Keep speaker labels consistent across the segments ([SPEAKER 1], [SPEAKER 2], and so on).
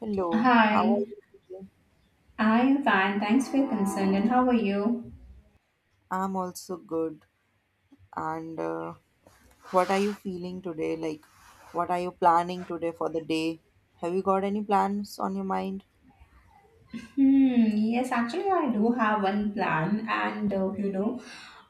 [SPEAKER 1] Hello, how are
[SPEAKER 2] Hi,
[SPEAKER 1] you today?
[SPEAKER 2] I am fine. Thanks for your concern. And how are you?
[SPEAKER 1] I'm also good. And what are you feeling today? Like, what are you planning today for the day? Have you got any plans on your mind?
[SPEAKER 2] Hmm, yes, actually, I do have one plan, and you know,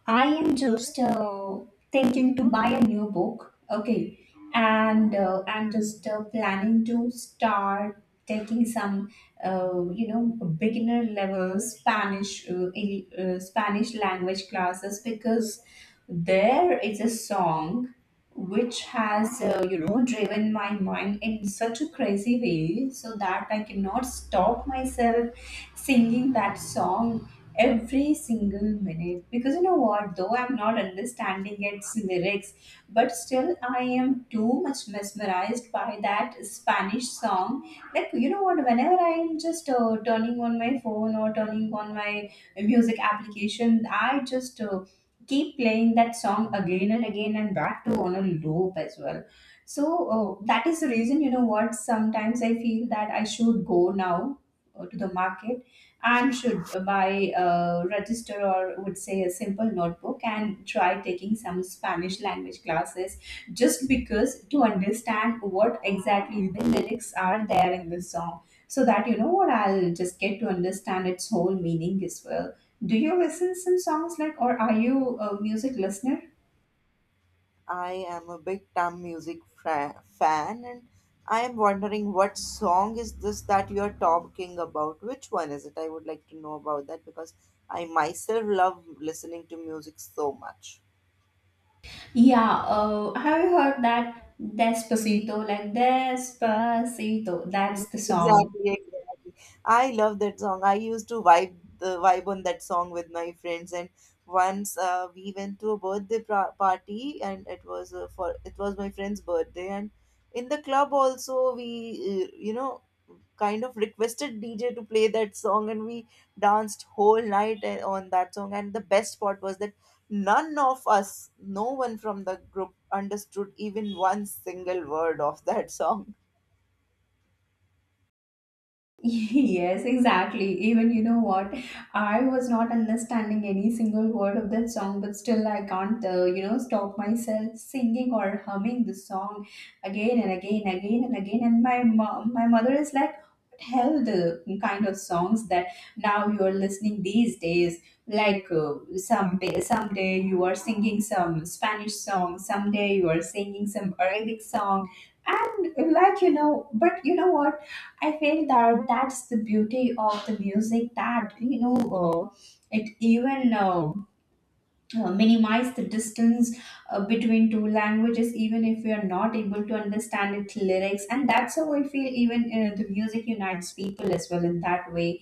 [SPEAKER 2] I am just thinking to buy a new book. Okay, and I'm just planning to start taking some, you know, beginner level Spanish, in, Spanish language classes, because there is a song which has, you know, driven my mind in such a crazy way so that I cannot stop myself singing that song every single minute. Because, you know what, though I'm not understanding its lyrics, but still I am too much mesmerized by that Spanish song. Like, you know what, whenever I am just turning on my phone or turning on my music application, I just keep playing that song again and again, and back to on a loop as well. So that is the reason, you know what, sometimes I feel that I should go now to the market and should buy a register, or would say a simple notebook, and try taking some Spanish language classes, just because to understand what exactly the lyrics are there in the song, so that, you know what, I'll just get to understand its whole meaning as well. Do you listen some songs, like, or are you a music listener?
[SPEAKER 1] I am a big Tam music fan, and I am wondering what song is this that you are talking about? Which one is it? I would like to know about that because I myself love listening to music so much.
[SPEAKER 2] Yeah, have you heard that Despacito, like Despacito? That's the
[SPEAKER 1] Yes,
[SPEAKER 2] song.
[SPEAKER 1] exactly, exactly. I love that song. I used to vibe the vibe on that song with my friends, and once we went to a birthday party, and it was my friend's birthday, and in the club also we uh, you know kind of requested DJ to play that song, and we danced whole night on that song. And the best part was that none of us, no one from the group, understood even one single word of that song.
[SPEAKER 2] Yes, exactly. Even you know what? I was not understanding any single word of that song, but still I can't, you know, stop myself singing or humming the song again and again, again and again. And my mother is like, "What hell the kind of songs that now you are listening these days? Like, someday you are singing some Spanish song, someday you are singing some Arabic song." And, like, you know, but you know what? I feel that that's the beauty of the music, that, you know, it even minimize the distance between two languages, even if we are not able to understand its lyrics, and that's how I feel, even the music unites people as well in that way.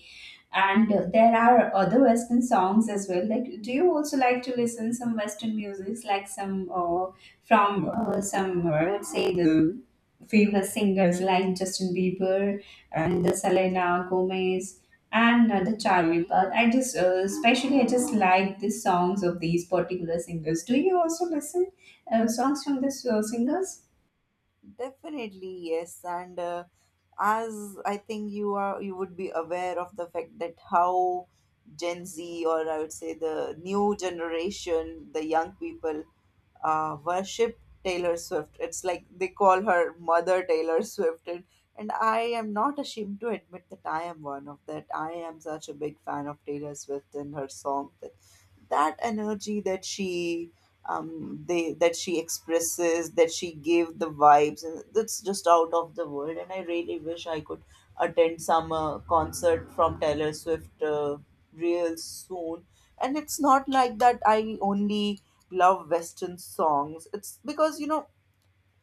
[SPEAKER 2] And there are other Western songs as well. Like, do you also like to listen some Western music, like some from some, I would say, the famous singers like Justin Bieber and the Selena Gomez and the Charlie. But I just, especially, I just like the songs of these particular singers. Do you also listen songs from these singers?
[SPEAKER 1] Definitely, yes. And as I think you would be aware of the fact that how Gen Z, or I would say the new generation, the young people, worship Taylor Swift. It's like they call her mother Taylor Swift, and I am not ashamed to admit that I am one of that. I am such a big fan of Taylor Swift and her song that that energy that she expresses, that she gave, the vibes, and that's just out of the world. And I really wish I could attend some concert from Taylor Swift real soon. And it's not like that I only love Western songs. It's because, you know,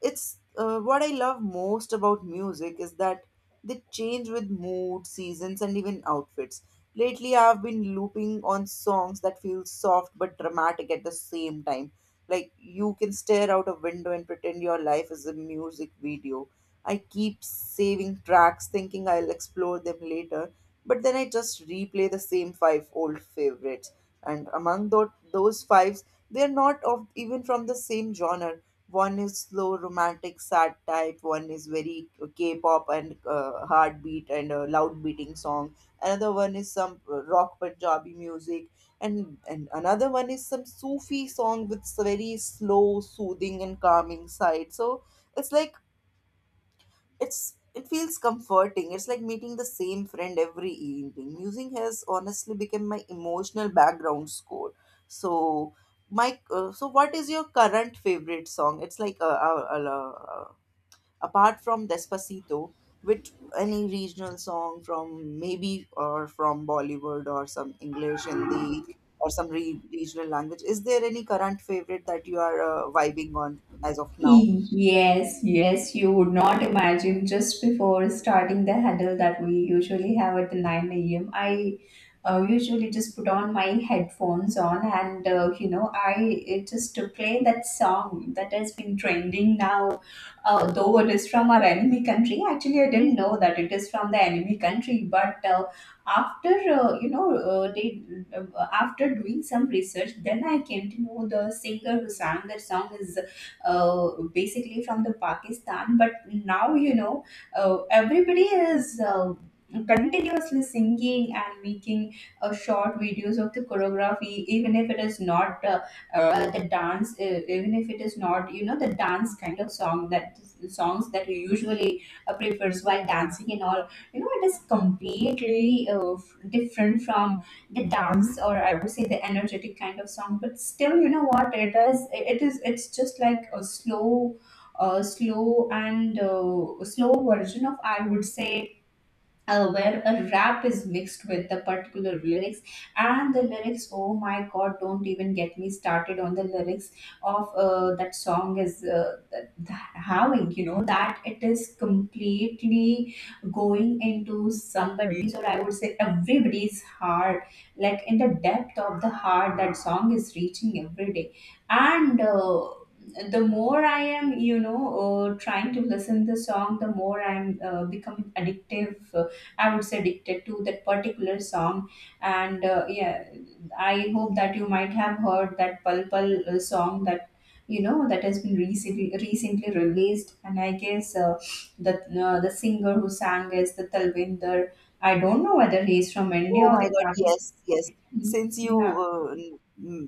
[SPEAKER 1] it's What I love most about music is that they change with mood, seasons, and even outfits. Lately, I've been looping on songs that feel soft but dramatic at the same time. Like you can stare out a window and pretend your life is a music video. I keep saving tracks thinking I'll explore them later, but then I just replay the same five old favorites. And among those fives, they're not of even from the same genre. One is slow romantic sad type, one is very k-pop and heartbeat and loud beating song, another one is some rock Punjabi music, and another one is some Sufi song with very slow soothing and calming side. So it's like it feels comforting. It's like meeting the same friend every evening. Music has honestly become my emotional background score. So my so what is your current favorite song? It's like apart from Despacito, with any regional song from maybe or from Bollywood or some English, Hindi, or some regional language, is there any current favorite that you are vibing on as of now?
[SPEAKER 2] Yes, yes, you would not imagine, just before starting the huddle that we usually have at the 9 a.m. I usually just put on my headphones on, and you know, I it just to play that song that has been trending now. Though it is from our enemy country, actually I didn't know that it is from the enemy country. But after you know they, uh, after doing some research, then I came to know the singer who sang that song is basically from the Pakistan. But now, you know, everybody is. Continuously singing and making short videos of the choreography, even if it is not the dance. Even if it is not, you know, the dance kind of song, that songs that you usually prefers while dancing and all, you know. It is completely different from the dance, or I would say the energetic kind of song. But still, you know what it does, it is, it's just like a slow, slow and slow version of, I would say, where a rap is mixed with the particular lyrics. And the lyrics, oh my God, don't even get me started on the lyrics of that song. Is that having, you know, that, it is completely going into somebody's, or I would say everybody's, heart, like in the depth of the heart. That song is reaching every day, and the more I am, you know, trying to listen the song, the more I'm becoming addictive, I would say addicted to that particular song. And yeah, I hope that you might have heard that Pal Pal song, that, you know, that has been recently released. And I guess the the singer who sang is the Talvinder. I don't know whether he is from
[SPEAKER 1] Oh
[SPEAKER 2] India or
[SPEAKER 1] my
[SPEAKER 2] the
[SPEAKER 1] God,
[SPEAKER 2] Pakistan.
[SPEAKER 1] yes, yes. Since you
[SPEAKER 2] Yeah.
[SPEAKER 1] uh, n-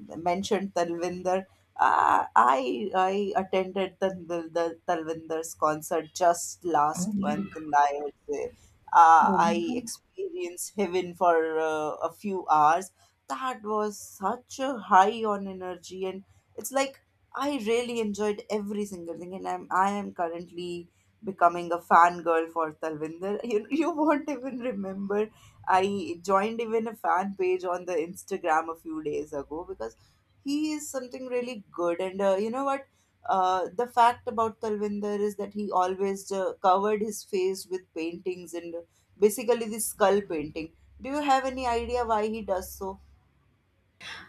[SPEAKER 1] m- mentioned Talvinder, I attended the Talvinder's concert just
[SPEAKER 2] Oh,
[SPEAKER 1] last
[SPEAKER 2] my God.
[SPEAKER 1] month, and I would say
[SPEAKER 2] Oh, my
[SPEAKER 1] I
[SPEAKER 2] God.
[SPEAKER 1] experienced heaven for a few hours. That was such a high on energy, and it's like I really enjoyed every single thing, and I am currently becoming a fangirl for Talvinder. You won't even remember I joined even a fan page on the Instagram a few days ago because he is something really good. And you know what? The fact about Talvinder is that he always covered his face with paintings, and basically the skull painting. Do you have any idea why he does so?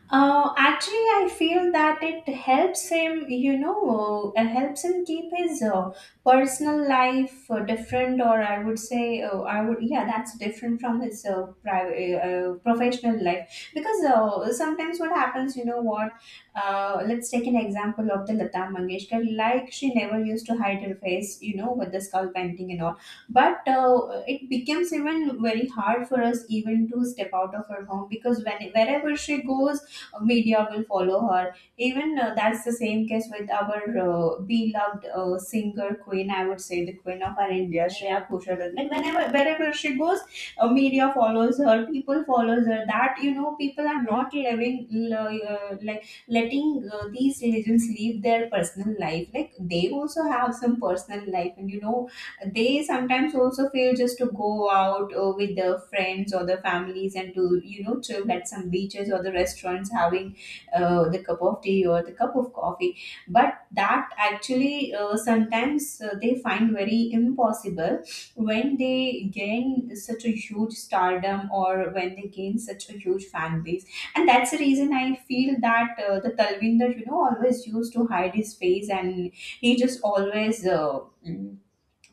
[SPEAKER 2] Actually, I feel that it helps him, you know, helps him keep his personal life different, or I would say, yeah, that's different from his private, professional life. Because sometimes what happens, you know, what, let's take an example of the Lata Mangeshkar, like she never used to hide her face, you know, with the skull painting and all. But it becomes even very hard for us even to step out of her home, because when, wherever she goes, media will follow her. Even that's the same case with our beloved singer queen, I would say the queen of our India, Shreya Ghoshal. Like whenever, wherever she goes, media follows her, people follows her. That, you know, people are not living like letting these religions live their personal life. Like, they also have some personal life, and you know they sometimes also feel just to go out with their friends or their families, and to, you know, chill at some beaches or the restaurants, having the cup of tea or the cup of coffee. But that actually sometimes they find very impossible, when they gain such a huge stardom or when they gain such a huge fan base. And that's the reason I feel that the Talvinder, you know, always used to hide his face, and he just always mm,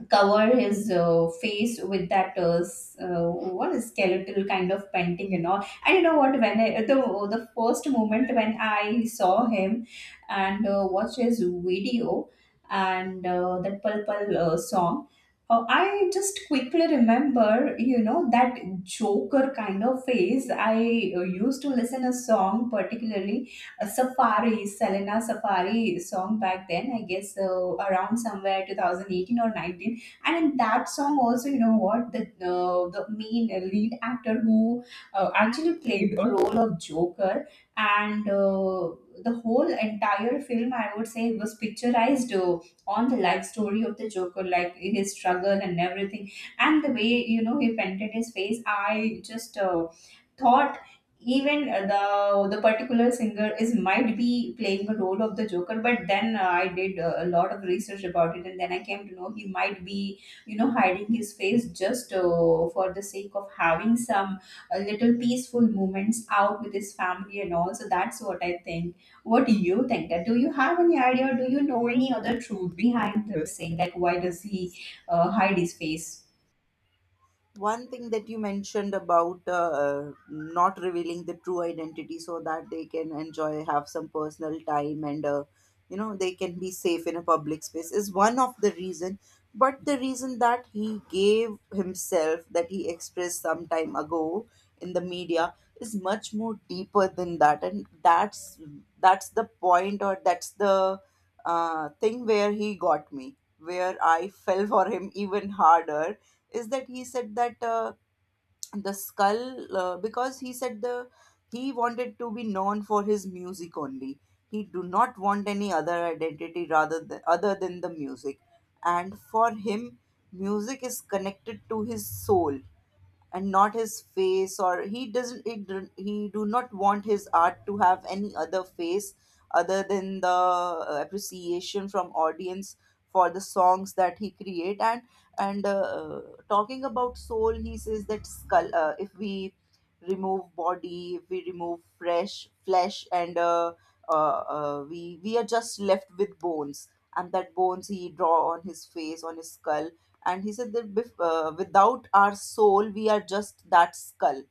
[SPEAKER 2] cover his face with that what is skeletal kind of painting and all. And you know what, when I, the first moment when I saw him and watched his video and that purple song, I just quickly remember, you know, that joker kind of face. I used to listen a song particularly, a Safari, Selena Safari song back then, I guess around somewhere 2018 or 19. And in that song also, you know what, the main lead actor who actually played the role of joker. And the whole entire film, I would say, was picturized on the life story of the joker, like his struggle and everything. And the way, you know, he painted his face, I just thought, even the particular singer is might be playing the role of the joker. But then I did a lot of research about it, and then I came to know he might be, you know, hiding his face just for the sake of having some little peaceful moments out with his family and all. So that's what I think. What do you think? That, do you have any idea, or do you know any other truth behind this saying, like why does he hide his face?
[SPEAKER 1] One thing that you mentioned about not revealing the true identity so that they can enjoy, have some personal time, and they can be safe in a public space, is one of the reason. But the reason that he gave himself, that he expressed some time ago in the media, is much more deeper than that. And that's the point, or that's the thing where he got me, where I fell for him even harder, is that he said that the skull because he said the he wanted to be known for his music only. He do not want any other identity rather than, other than, the music. And for him, music is connected to his soul, and not his face. Or he doesn't, he do not want his art to have any other face other than the appreciation from audience for the songs that he create. And talking about soul, he says that skull, if we remove body, if we remove fresh flesh, and uh, we are just left with bones, and that bones he draw on his face, on his skull. And he said that without our soul we are just that skull.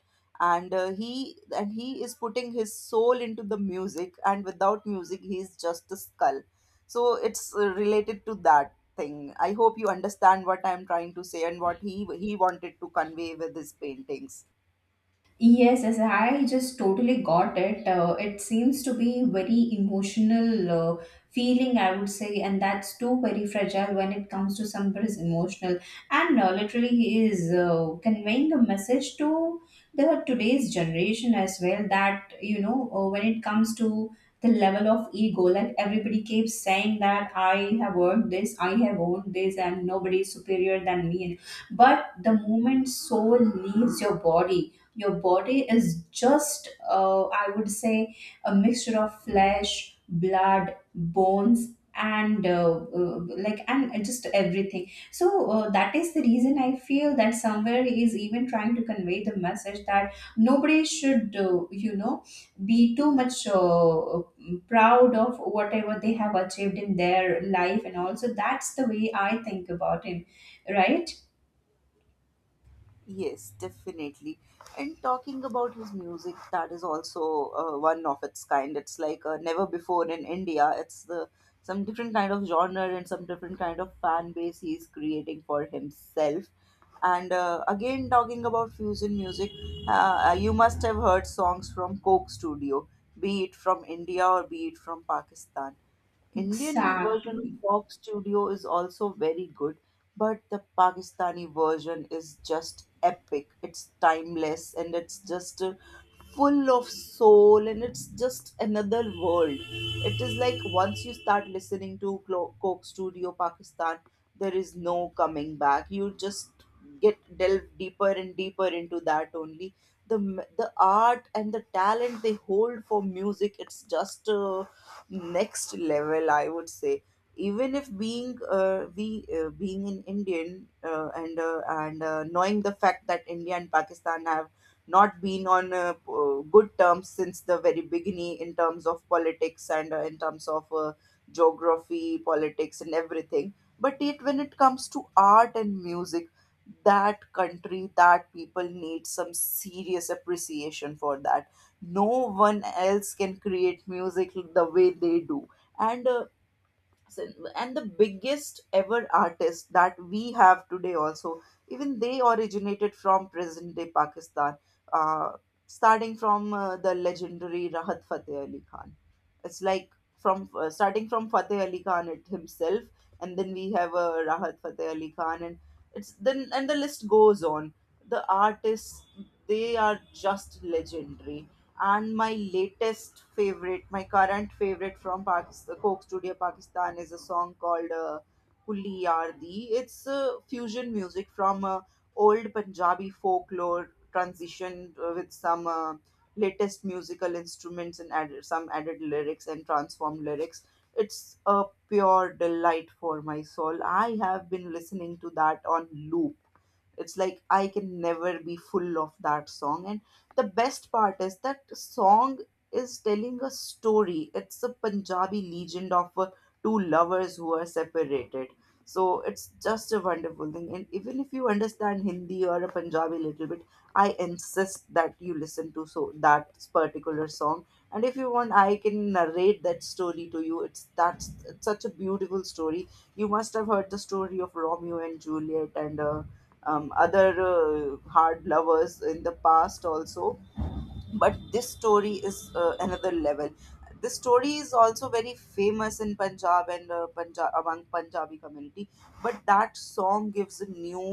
[SPEAKER 1] And he is putting his soul into the music, and without music he is just a skull. So it's related to that thing. I hope you understand what I'm trying to say and what he wanted to convey with his paintings.
[SPEAKER 2] Yes, yes, I just totally got it. It seems to be very emotional, uh, feeling, I would say, and that's too very fragile when it comes to somebody's emotional. And literally, he is conveying a message to the today's generation as well, that, you know, when it comes to the level of ego, like everybody keeps saying that I have earned this, I have owned this, and nobody is superior than me. But the moment soul leaves your body, your body is just, I would say, a mixture of flesh, blood, bones, and, like, and just everything. So that is the reason I feel that somewhere he is even trying to convey the message that nobody should, you know, be too much proud of whatever they have achieved in their life. And also that's the way I think about him, right?
[SPEAKER 1] Yes, definitely. And talking about his music, that is also one of its kind. It's like never before in India. It's the some different kind of genre and some different kind of fan base he's creating for himself. And again, talking about fusion music, you must have heard songs from Coke Studio, be it from India or be it from Pakistan. Indian version
[SPEAKER 2] Exactly.
[SPEAKER 1] of Fox Studio is also very good, but the Pakistani version is just epic. It's timeless and it's just full of soul, and it's just another world. It is like once you start listening to Coke Studio Pakistan, there is no coming back. You just get delve deeper and deeper into that only. The art and the talent they hold for music, it's just next level, I would say. Even if being an Indian, and knowing the fact that India and Pakistan have not been on good terms since the very beginning in terms of politics, and in terms of geography, politics, and everything, but it when it comes to art and music, that country, that people need some serious appreciation for that. No one else can create music the way they do. And s- and the biggest ever artist that we have today also, even they originated from present day Pakistan, uh, starting from the legendary Rahat Fateh Ali Khan. It's like, from starting from Fateh Ali Khan it himself, and then we have Rahat Fateh Ali Khan, and it's then and the list goes on. The artists, they are just legendary. And my latest favorite, my current favorite from Pakistan, Coke Studio Pakistan, is a song called Kulli Yardi. It's fusion music from old Punjabi folklore, transitioned with some latest musical instruments, and some added lyrics and transformed lyrics. It's a pure delight for my soul. I have been listening to that on loop. It's like I can never be full of that song. And the best part is, that song is telling a story. It's a Punjabi legend of two lovers who are separated. So it's just a wonderful thing, and even if you understand Hindi or a Punjabi little bit, I insist that you listen to so that particular song. And if you want, I can narrate that story to you. It's, that's it's such a beautiful story. You must have heard the story of Romeo and Juliet and other hard lovers in the past also, but this story is another level. This story is also very famous in Punjab, and Punjab, among Punjabi community, but that song gives a new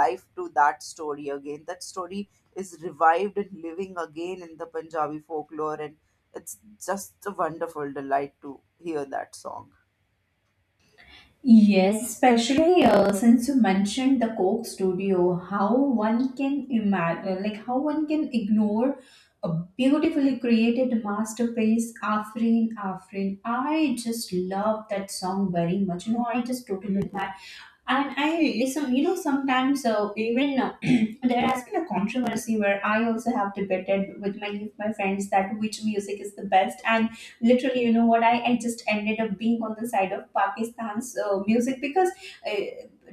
[SPEAKER 1] life to that story again. That story is revived and living again in the Punjabi folklore, and it's just a wonderful delight to hear that song.
[SPEAKER 2] Yes, especially since you mentioned the Coke Studio, how one can imagine, like how one can ignore a beautifully created masterpiece, Afrin Afrin. I just love that song very much. You know, I just totally. And I, some, you know, sometimes even there has been a controversy where I also have debated with many of my friends, that which music is the best. And literally, you know what, I just ended up being on the side of Pakistan's music. Because uh,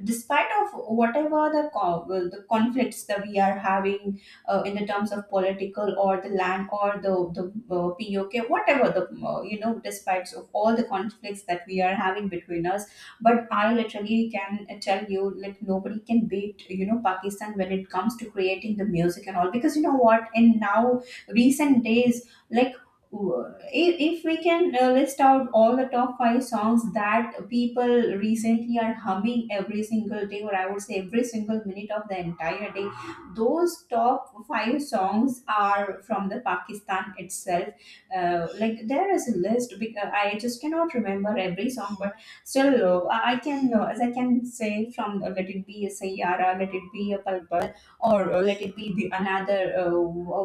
[SPEAKER 2] despite of whatever the conflicts that we are having in the terms of political or the land or the POK, whatever you know, despite of all the conflicts that we are having between us, but I literally can tell you, like, nobody can beat, you know, Pakistan when it comes to creating the music and all. Because, you know what, in now recent days, like, w- if we can list out all the top five songs that people recently are humming every single day, or I would say every single minute of the entire day, those top five songs are from the Pakistan itself. Like, there is a list because I just cannot remember every song, but still low. I can know, as I can say, from let it be a Sayara, let it be a Palpal, or let it be the another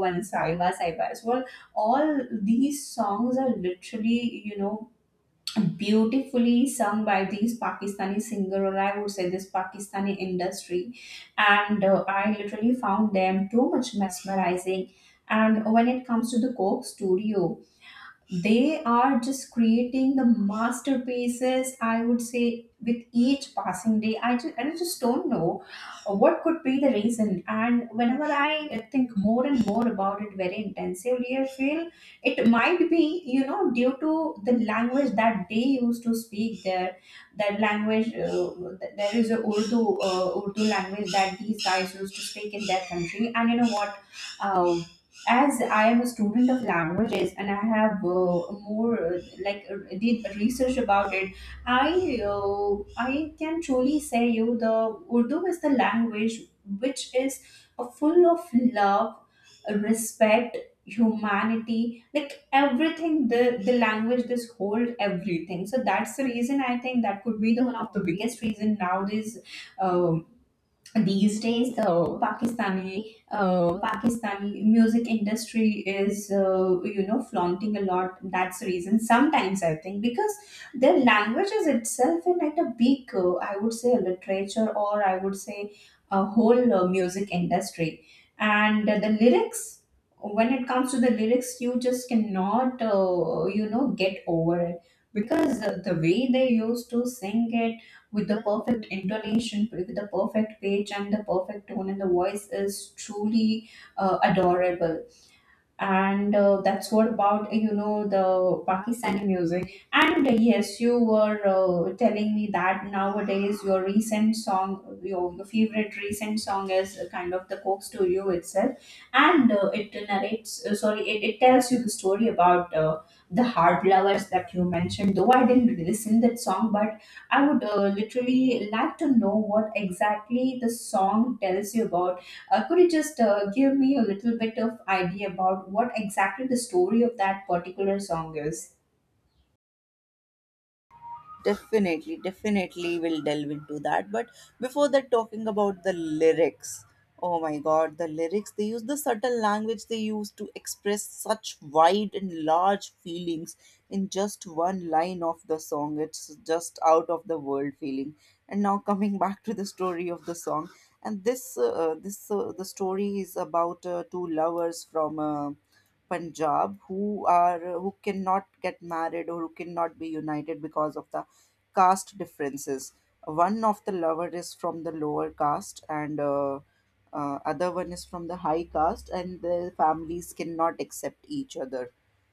[SPEAKER 2] one, Saiba Saiba as well. All these songs are literally, you know, beautifully sung by these Pakistani singer, or I would say this Pakistani industry. And I literally found them too much mesmerizing. And when it comes to the Coke Studio, they are just creating the masterpieces, I would say, with each passing day. I just don't know what could be the reason. And whenever I think more and more about it very intensively, I feel it might be, you know, due to the language that they used to speak there. That language, there is a Urdu, Urdu language that these guys used to speak in their country. And you know what, Uh, as I am a student of languages and I have more, did research about it, I can truly say you the Urdu is the language which is full of love, respect, humanity, like everything. The language this hold everything. So that's the reason I think that could be the one of the biggest reason nowadays. uh, these days the Pakistani, Pakistani music industry is, you know, flaunting a lot. That's the reason sometimes I think, because their language is itself in at a big, I would say a literature, or I would say a whole music industry. And the lyrics, when it comes to the lyrics, you just cannot, you know, get over it. Because the way they used to sing it, with the perfect intonation, with the perfect pitch, and the perfect tone, and the voice is truly adorable. And that's what about, you know, the Pakistani music. And yes, you were telling me that nowadays your recent song, your favorite recent song is kind of the Coke Studio itself. And it narrates, sorry, it tells you the story about the hard lovers that you mentioned, though I didn't listen that song. But I would literally like to know what exactly the song tells you about. Could you just give me a little bit of idea about what exactly the story of that particular song is?
[SPEAKER 1] Definitely, definitely, we'll delve into that. But before that, talking about the lyrics. Oh my God, the lyrics. They use the subtle language they use to express such wide and large feelings in just one line of the song. It's just out of the world feeling. And now, coming back to the story of the song. And this, this the story is about two lovers from Punjab, who are who cannot get married or who cannot be united because of the caste differences. One of the lover is from the lower caste, and other one is from the high caste, and the families cannot accept each other.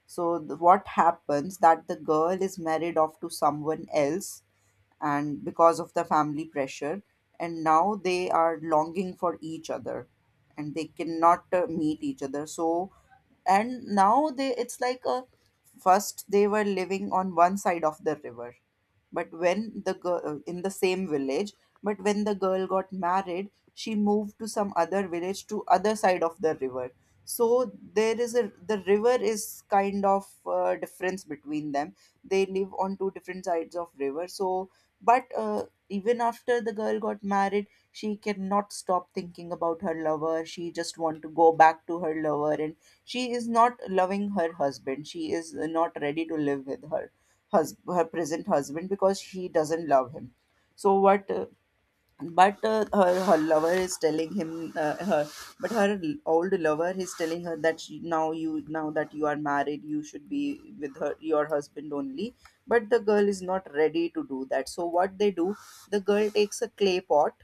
[SPEAKER 1] So what happens that the girl is married off to someone else, and because of the family pressure, and now they are longing for each other, and they cannot meet each other. So and now they it's like a first they were living on one side of the river, but when the girl in the same village but when the girl got married, she moved to some other village to other side of the river. So there is a the river is kind of difference between them. They live on two different sides of river. So but Even after the girl got married, she cannot stop thinking about her lover. She just want to go back to her lover, and she is not loving her husband. She is not ready to live with her her present husband because she doesn't love him. So what but her, her lover is telling him her But her old lover is telling her that now you now that you are married, you should be with her your husband only. But the girl is not ready to do that. So what they do, the girl takes a clay pot.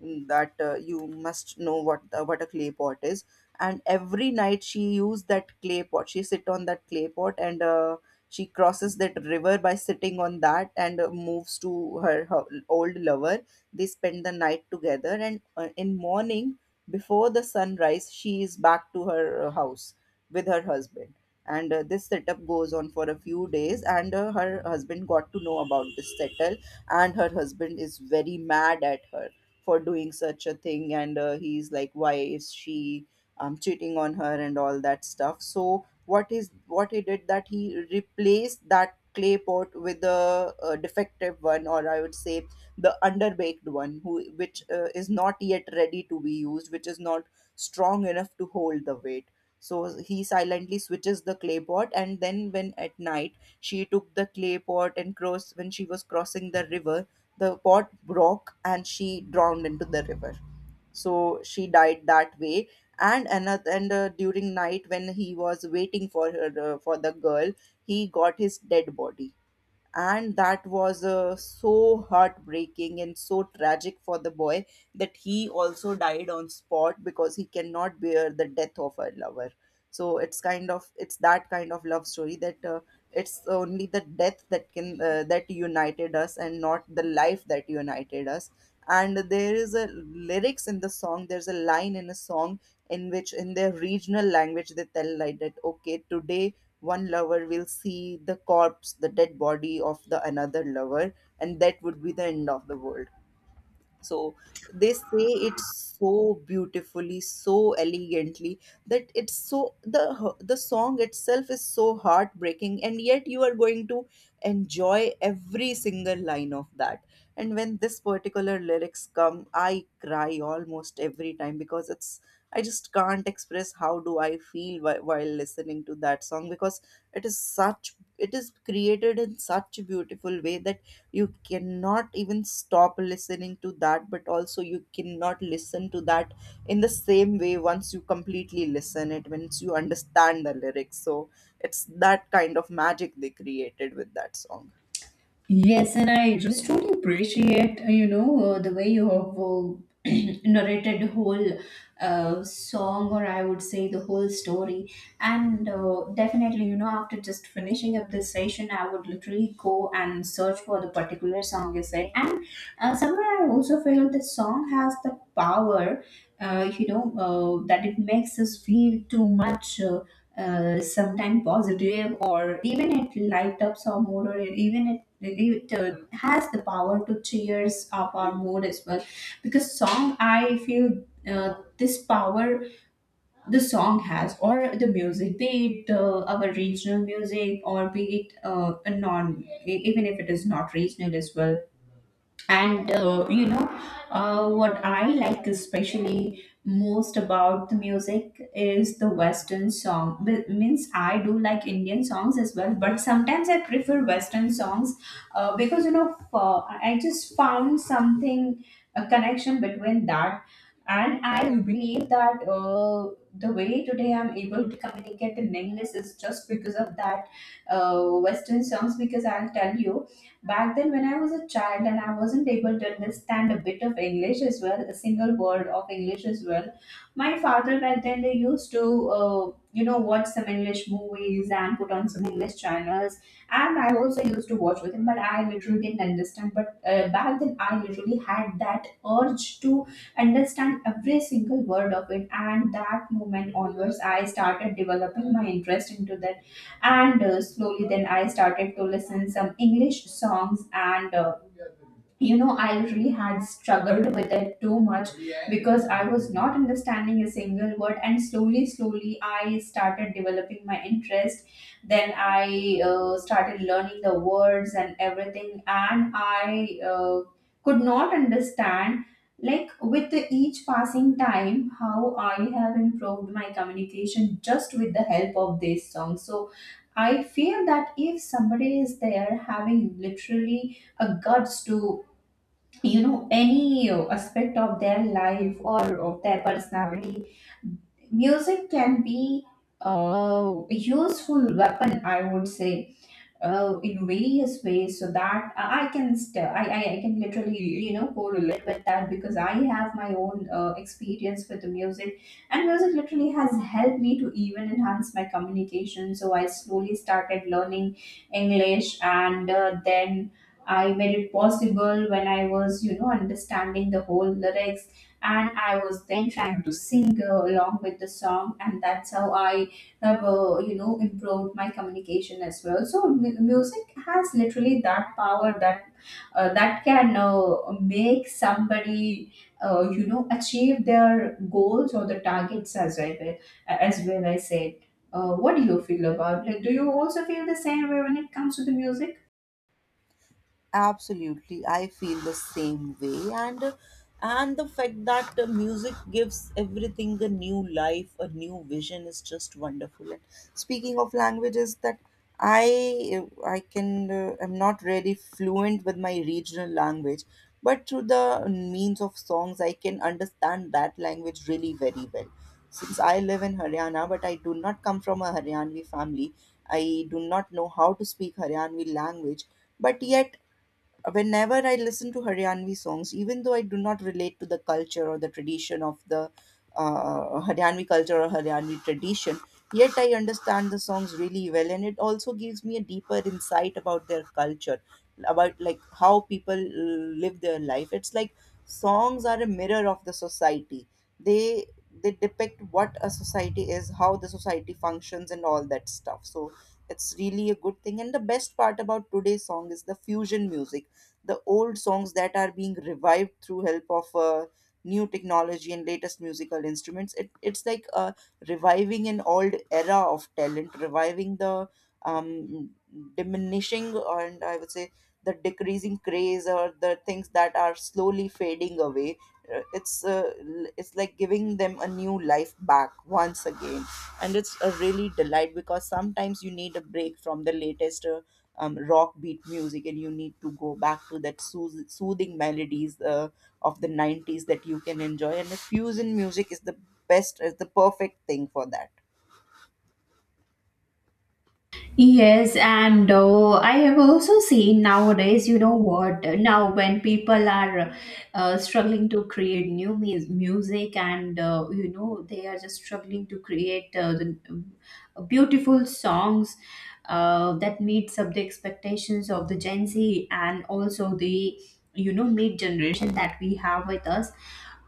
[SPEAKER 1] That You must know what a clay pot is. And every night she used that clay pot. She sit on that clay pot and she crosses that river by sitting on that, and moves to her old lover. They spend the night together, and in morning, before the sunrise, she is back to her house with her husband. And this setup goes on for a few days, and her husband got to know about this settle, and her husband is very mad at her for doing such a thing. And he's like, why is she cheating on her and all that stuff. So what he did, that he replaced that clay pot with a defective one, or I would say the underbaked one, who which is not yet ready to be used, which is not strong enough to hold the weight. So he silently switches the clay pot, and then when at night she took the clay pot and cross when she was crossing the river, the pot broke and she drowned into the river. So she died that way. And another and During night, when he was waiting for her, for the girl, he got his dead body, and that was so heartbreaking and so tragic for the boy that he also died on spot because he cannot bear the death of a lover. So it's kind of it's that kind of love story that it's only the death that can that united us, and not the life that united us. And there is a lyrics in the song, there's a line in a song in which in their regional language they tell like that, okay, today one lover will see the corpse, the dead body of the another lover, and that would be the end of the world. So they say it so beautifully, so elegantly, that it's so the song itself is so heartbreaking, and yet you are going to enjoy every single line of that. And when this particular lyrics come, I cry almost every time because it's I just can't express how do I feel while, listening to that song, because it is such it is created in such a beautiful way that you cannot even stop listening to that, but also you cannot listen to that in the same way once you completely listen it, once you understand the lyrics. So it's that kind of magic they created with that song.
[SPEAKER 2] Yes, and I just truly appreciate, you know, the way you have narrated the whole song, or I would say the whole story. And definitely, you know, after just finishing up this session, I would literally go and search for the particular song you said. And somewhere I also feel the song has the power, you know, that it makes us feel too much. Sometimes positive, or even it light up our mood, or even it has the power to cheers up our mood as well. Because song, I feel, this power the song has, or the music, be it our regional music, or be it a non e, even if it is not regional as well. And you know, what I like especially most about the music is the western song. Means, I do like Indian songs as well, but sometimes I prefer western songs. Because, you know, I just found something, a connection between that. And I believe that the way today I'm able to communicate in English is just because of that uh, western songs. Because I'll tell you, back then, when I was a child and I wasn't able to understand a bit of English as well, a single word of English as well, my father back then they used to, you know, watch some English movies and put on some English channels. And I also used to watch with him, but I literally didn't understand. But back then, I literally had that urge to understand every single word of it. And that moment onwards, I started developing my interest into that. And slowly then I started to listen some English songs. And you know, I really had struggled with it too much, because I was not understanding a single word. And slowly slowly I started developing my interest. Then I started learning the words and everything. And I could not understand, like, with each passing time, how I have improved my communication just with the help of this song. So I feel that if somebody is there having literally a guts to, you know, any aspect of their life or of their personality, music can be a useful weapon, I would say, in various ways. So that I can still, I can literally, you know, correlate with that, because I have my own experience with the music. And music literally has helped me to even enhance my communication. So I slowly started learning English. And then I made it possible when I was, you know, understanding the whole lyrics. And I was then trying to sing along with the song. And that's how I have, you know, improved my communication as well. So music has literally that power, that that can make somebody, you know, achieve their goals or the targets, as I will as well I said. What do you feel about, like, do you also feel the same way when it comes to the music?
[SPEAKER 1] Absolutely, I feel the same way, and the fact that the music gives everything a new life, a new vision is just wonderful. And speaking of languages, that I can I'm not really fluent with my regional language, but through the means of songs, I can understand that language really very well. Since I live in Haryana, but I do not come from a Haryanvi family, I do not know how to speak Haryanvi language, but yet whenever I listen to Haryanvi songs, even though I do not relate to the culture or the tradition of the Haryanvi culture or Haryanvi tradition, yet I understand the songs really well, and it also gives me a deeper insight about their culture, about like how people live their life. It's like songs are a mirror of the society. They they depict what a society is, how the society functions, and all that stuff. So it's really a good thing. And the best part about today's song is the fusion music, the old songs that are being revived through help of new technology and latest musical instruments. It's like reviving an old era of talent, reviving the um, diminishing, and I would say the decreasing craze, or the things that are slowly fading away. Uh, it's uh, it's like giving them a new life back once again, and it's a really delight because sometimes you need a break from the latest rock beat music, and you need to go back to that soothing melodies of the 90s that you can enjoy. And the fusion music is the perfect thing for that.
[SPEAKER 2] Yes, and I have also seen nowadays, you know what, now when people are struggling to create new music, and, you know, they are just struggling to create the beautiful songs that meets up the expectations of the Gen Z, and also the, you know, mid generation that we have with us.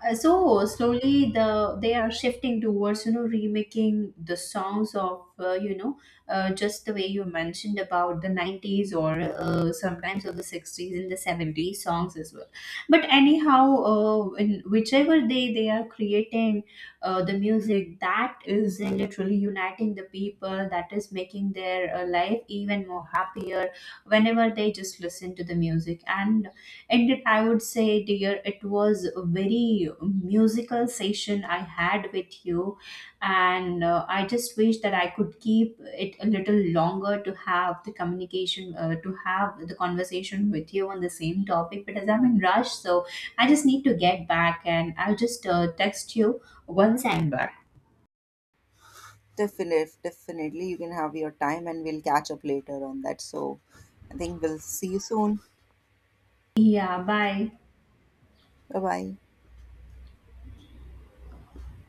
[SPEAKER 2] So slowly they are shifting towards, you know, remaking the songs of, you know, just the way you mentioned, about the 90s, or sometimes of the 60s and the 70s songs as well. But anyhow, in whichever they are creating the music, that is literally uniting the people, that is making their life even more happier whenever they just listen to the music. And that, I would say, dear, it was a very musical session I had with you. And I just wish that I could keep it a little longer to have the communication, to have the conversation with you on the same topic. But as I'm in rush, so I just need to get back, and I'll just text you once I'm back.
[SPEAKER 1] Definitely, definitely. You can have your time and we'll catch up later on that. So I think we'll see you soon.
[SPEAKER 2] Yeah, bye.
[SPEAKER 1] Bye bye.